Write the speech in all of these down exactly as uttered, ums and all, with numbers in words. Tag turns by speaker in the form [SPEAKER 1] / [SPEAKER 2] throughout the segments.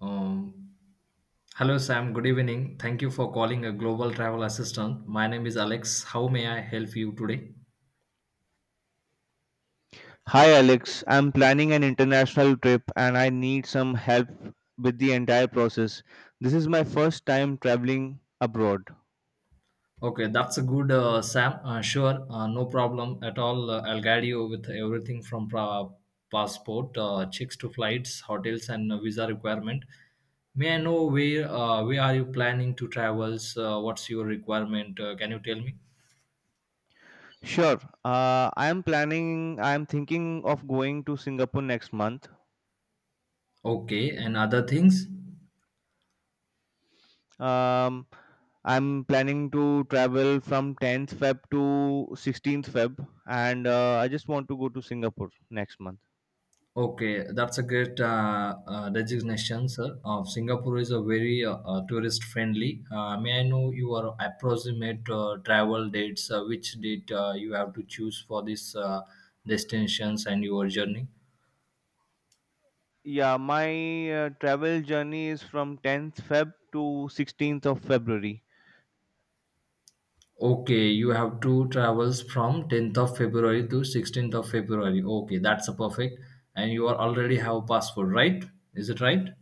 [SPEAKER 1] Um, Hello, Sam. Good evening. Thank you for calling a global travel assistant. My name is Alex. How may I help you today?
[SPEAKER 2] Hi Alex, I'm planning an international trip and I need some help with the entire process. This is my first time traveling abroad.
[SPEAKER 1] Okay, that's a good, uh, Sam. Uh, sure, uh, no problem at all. Uh, I'll guide you with everything from pra- passport, uh, checks to flights, hotels, and uh, visa requirement. May I know where uh, where are you planning to travel? Uh, what's your requirement? Uh, can you tell me?
[SPEAKER 2] Sure, uh, I'm planning, I'm thinking of going to Singapore next month.
[SPEAKER 1] Okay, and other things?
[SPEAKER 2] Um, I'm planning to travel from tenth Feb to sixteenth Feb and uh, I just want to go to Singapore next month.
[SPEAKER 1] Okay, that's a great uh, uh, designation, sir. Uh, Singapore is a very uh, uh, tourist friendly. Uh, may I know your approximate uh, travel dates? Uh, which date uh, you have to choose for these uh, destinations and your journey?
[SPEAKER 2] Yeah, my uh, travel journey is from tenth Feb to sixteenth of February.
[SPEAKER 1] Okay, you have two travels from tenth of February to sixteenth of February. Okay, that's a perfect. And you are already have passport, right? Is it right?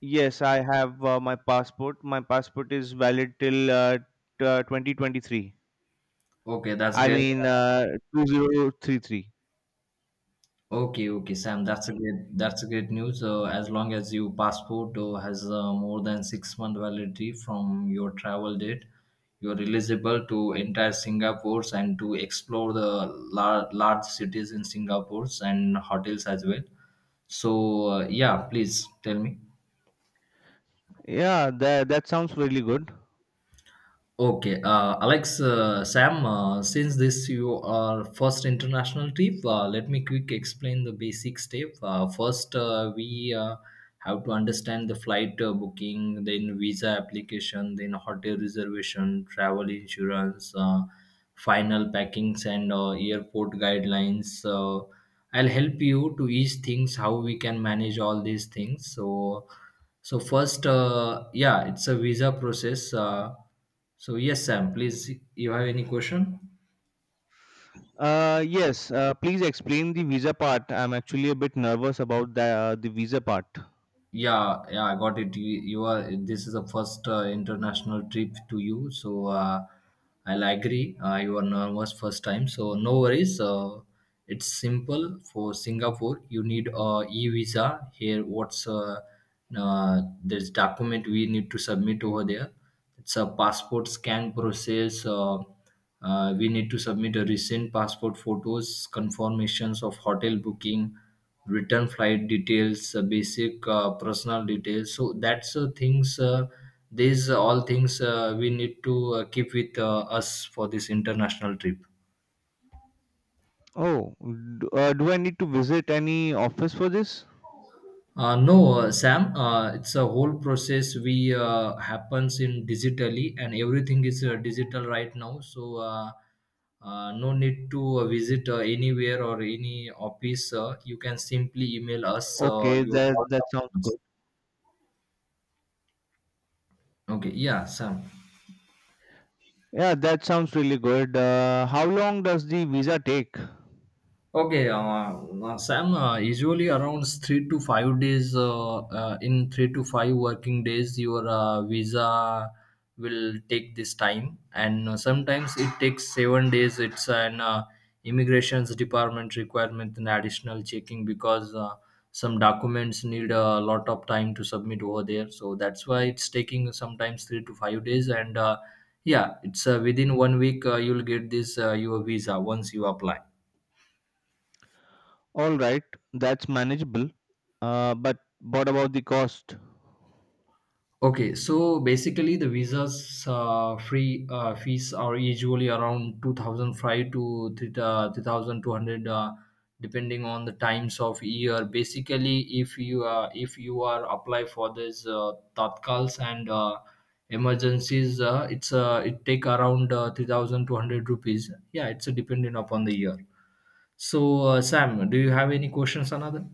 [SPEAKER 2] Yes, I have uh, my passport. My passport is valid till uh, t- uh, twenty twenty-three.
[SPEAKER 1] Okay, that's
[SPEAKER 2] I
[SPEAKER 1] good.
[SPEAKER 2] mean, uh, twenty thirty-three.
[SPEAKER 1] Okay, okay, Sam. That's a great. That's a great news. Uh, as long as your passport uh, has uh, more than six month validity from your travel date, you're eligible to enter Singapore's and to explore the lar- large cities in Singapore's and hotels as well. So uh, yeah, please tell me.
[SPEAKER 2] Yeah, that that sounds really good.
[SPEAKER 1] Okay, uh, Alex, uh, Sam, uh, since this you are first international trip, uh, let me quick explain the basic step. Uh, first, uh, we uh, have to understand the flight uh, booking, then visa application, then hotel reservation, travel insurance, uh, final packings, and uh, airport guidelines. Uh, I'll help you to each things how we can manage all these things. So, so first, uh, yeah, it's a visa process. Uh, so yes, Sam, please, you have any question?
[SPEAKER 2] Uh, yes, uh, please explain the visa part. I'm actually a bit nervous about the uh, the visa part.
[SPEAKER 1] Yeah, yeah, I got it. You, you are. This is the first uh, international trip to you, so uh, I'll agree. Uh, you are nervous first time, so no worries. Uh, it's simple for Singapore. You need a e visa here. What's uh, uh, this document we need to submit over there? It's a passport scan process. Uh, Uh, we need to submit a recent passport photos, confirmations of hotel booking, return flight details, uh, basic uh, personal details. So that's uh, things. Uh, these all things uh, we need to uh, keep with uh, us for this international trip.
[SPEAKER 2] Oh, d- uh, do I need to visit any office for this?
[SPEAKER 1] Uh, no, uh, Sam. Uh, it's a whole process we uh, happens in digitally, and everything is uh, digital right now. So uh, uh, no need to uh, visit uh, anywhere or any office. Uh, you can simply email us uh,
[SPEAKER 2] Okay,
[SPEAKER 1] your all
[SPEAKER 2] that that sounds
[SPEAKER 1] documents.
[SPEAKER 2] good.
[SPEAKER 1] Okay. Yeah, Sam.
[SPEAKER 2] Yeah, that sounds really good. Uh, how long does the visa take?
[SPEAKER 1] Okay, uh, uh, Sam, uh, usually around three to five days, uh, uh, in three to five working days, your uh, visa will take this time, and uh, sometimes it takes seven days. It's an uh, immigration's department requirement and additional checking because uh, some documents need a lot of time to submit over there. So that's why it's taking sometimes three to five days, and uh, yeah, it's uh, within one week uh, you'll get this uh, your visa once you apply.
[SPEAKER 2] All right, that's manageable. Uh, but what about the cost?
[SPEAKER 1] Okay, so basically the visas uh, free uh, fees are usually around two thousand five to three thousand two hundred uh, depending on the times of year. Basically, if you uh, if you are apply for this uh, tatkals and uh, emergencies, uh, it's uh, it take around uh, three thousand two hundred rupees. Yeah, it's uh, dependent upon the year. So uh, Sam, do you have any questions another?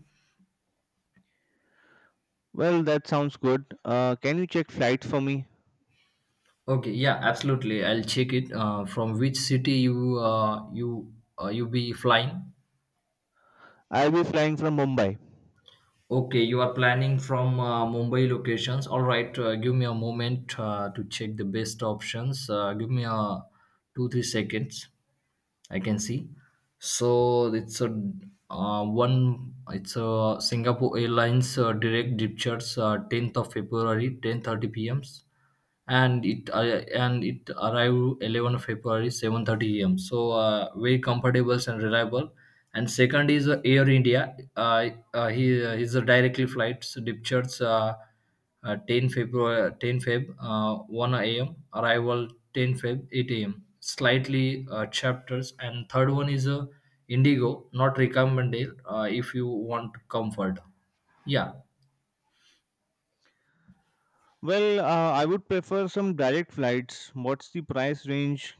[SPEAKER 2] Well, that sounds good. Uh, can you check flights for me?
[SPEAKER 1] Okay, yeah, absolutely. I'll check it. Uh, from which city you uh, you uh, you be flying?
[SPEAKER 2] I'll be flying from Mumbai.
[SPEAKER 1] Okay, you are planning from uh, Mumbai locations. All right, uh, give me a moment uh, to check the best options. Uh, give me a two three seconds. I can see. So it's a uh, one. It's a Singapore Airlines uh, direct departures uh, tenth of February, ten thirty p m, and it uh, and it arrived eleven february seven thirty a m, so uh, very comfortable and reliable. And second is uh, air india, uh, uh, he uh, his directly flights departures uh, uh, ten february ten feb uh, one a m arrival ten feb eight a m, slightly uh, chapters. And third one is uh, indigo, not recommended uh, if you want comfort. Yeah.
[SPEAKER 2] Well, uh, I would prefer some direct flights. What's the price range?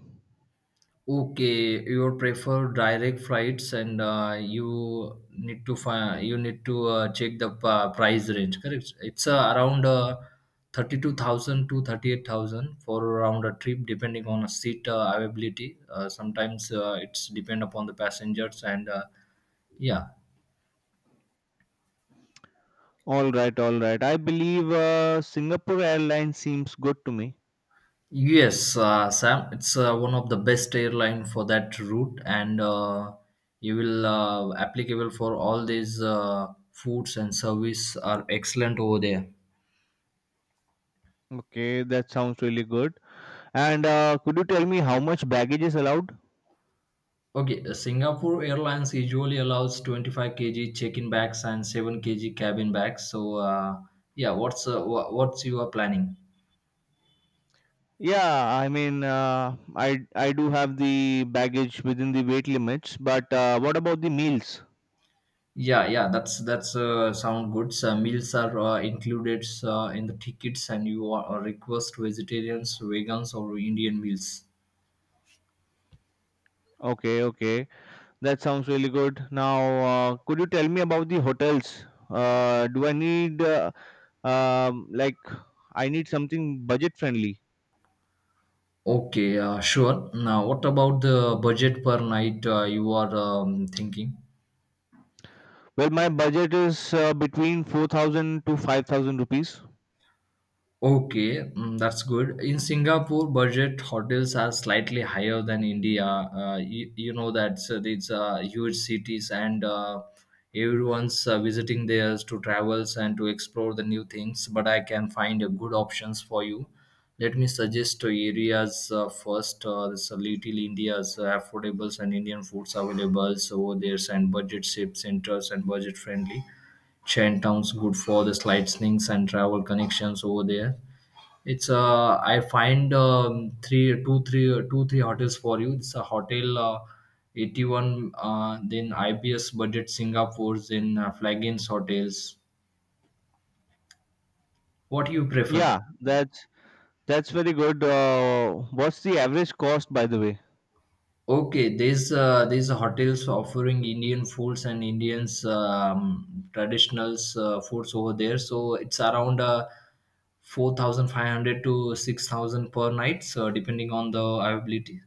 [SPEAKER 1] Okay, you prefer direct flights, and uh, you need to find you need to uh, check the uh, price range. Correct. It's uh, around uh, thirty-two thousand to thirty-eight thousand for around a trip, depending on a seat uh, availability. Uh, sometimes uh, it's depend upon the passengers, and uh, yeah.
[SPEAKER 2] All right, all right. I believe uh, Singapore Airlines seems good to me.
[SPEAKER 1] Yes, uh, Sam, it's uh, one of the best airline for that route, and uh, you will uh, applicable for all these uh, foods and service are excellent over there.
[SPEAKER 2] Okay, that sounds really good. And uh, could you tell me how much baggage is allowed?
[SPEAKER 1] Okay, uh, Singapore Airlines usually allows twenty-five k g check-in bags and seven k g cabin bags. So, uh, yeah, what's uh, wha- what's your planning?
[SPEAKER 2] Yeah, I mean, uh, I I do have the baggage within the weight limits, but uh, what about the meals?
[SPEAKER 1] Yeah, yeah, that's that's uh, sound good. So meals are uh, included uh, in the tickets, and you are, are request vegetarians, vegans, or Indian meals.
[SPEAKER 2] Okay, okay. That sounds really good. Now, uh, could you tell me about the hotels? Uh, do I need uh, um, like I need something budget friendly?
[SPEAKER 1] Okay, uh, sure. Now, what about the budget per night uh, you are um, thinking?
[SPEAKER 2] Well, my budget is uh, between four thousand to five thousand rupees.
[SPEAKER 1] Okay, mm, that's good. In Singapore, budget hotels are slightly higher than India. Uh, you, you know that, so these uh, huge cities and uh, everyone's uh, visiting there to travels and to explore the new things. But I can find a good options for you. Let me suggest to areas uh, first. Uh, this uh, Little India's uh, affordables and Indian foods available so over there, and budget ship centers and budget friendly. Chinatown's good for the sightseeing and travel connections over there. It's uh, I find um, three, two, three, two, three hotels for you. It's a hotel uh, eighty-one, uh, then I B S budget Singapore's, then uh, Flagins hotels. What do you prefer?
[SPEAKER 2] Yeah, that's that's very good. Uh, what's the average cost, by the way?
[SPEAKER 1] Okay, there's uh, there's hotels offering Indian foods and Indians um, traditionals uh, foods over there. So it's around uh, four thousand five hundred to six thousand per night, so depending on the availability.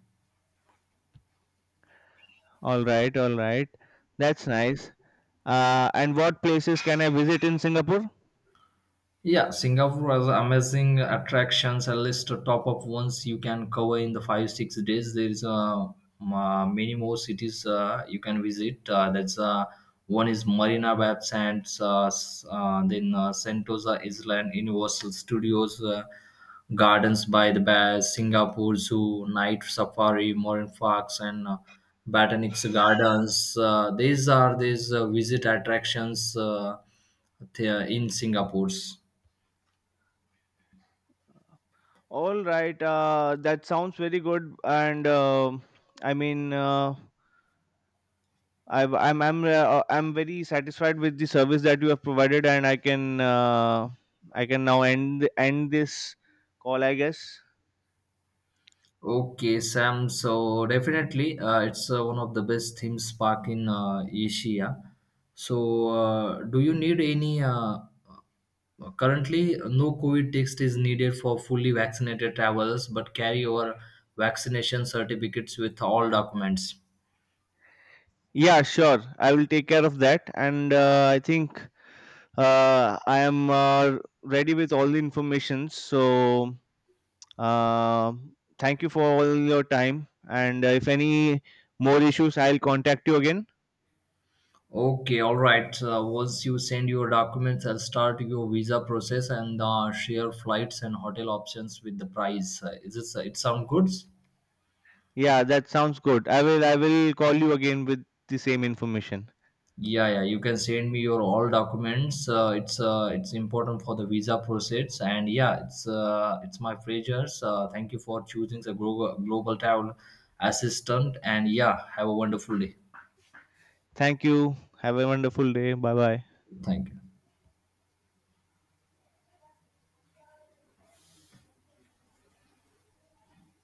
[SPEAKER 2] All right, all right. That's nice. Uh, and what places can I visit in Singapore?
[SPEAKER 1] Yeah, Singapore has amazing attractions. A list of top of ones you can cover in the five six days. There is uh, ma- many more cities uh, you can visit. Uh, that's uh, one is Marina Bay Sands, uh, s- uh, then uh, Sentosa Island, Universal Studios, uh, Gardens by the Bay, Singapore Zoo, Night Safari, Marine Parks, and uh, Botanics Gardens. Uh, these are these uh, visit attractions uh, there in Singapore's.
[SPEAKER 2] All right, uh, that sounds very good. And um I mean. Uh, I've, I'm I'm uh, I'm very satisfied with the service that you have provided, and I can uh, I can now end end this call, I guess.
[SPEAKER 1] Okay, Sam. So definitely, uh, it's uh, one of the best theme park in uh, Asia. So, uh, do you need any? Uh, uh, currently, no COVID test is needed for fully vaccinated travelers, but carry your vaccination certificates with all documents.
[SPEAKER 2] Yeah, sure. I will take care of that, and uh, I think uh, I am uh, ready with all the information. So Um thank you for all your time. And uh, if any more issues, I'll contact you again.
[SPEAKER 1] Okay, all right. Uh, once you send your documents, I'll start your visa process and uh, share flights and hotel options with the price. Uh, is it? It sound good?
[SPEAKER 2] Yeah, that sounds good. I will. I will call you again with the same information.
[SPEAKER 1] Yeah, yeah. You can send me your all documents. Uh, it's uh, it's important for the visa process, and yeah, it's uh, it's my pleasure. Uh, thank you for choosing the global global travel assistant, and yeah, have a wonderful day.
[SPEAKER 2] Thank you. Have a wonderful day. Bye bye.
[SPEAKER 1] Thank you.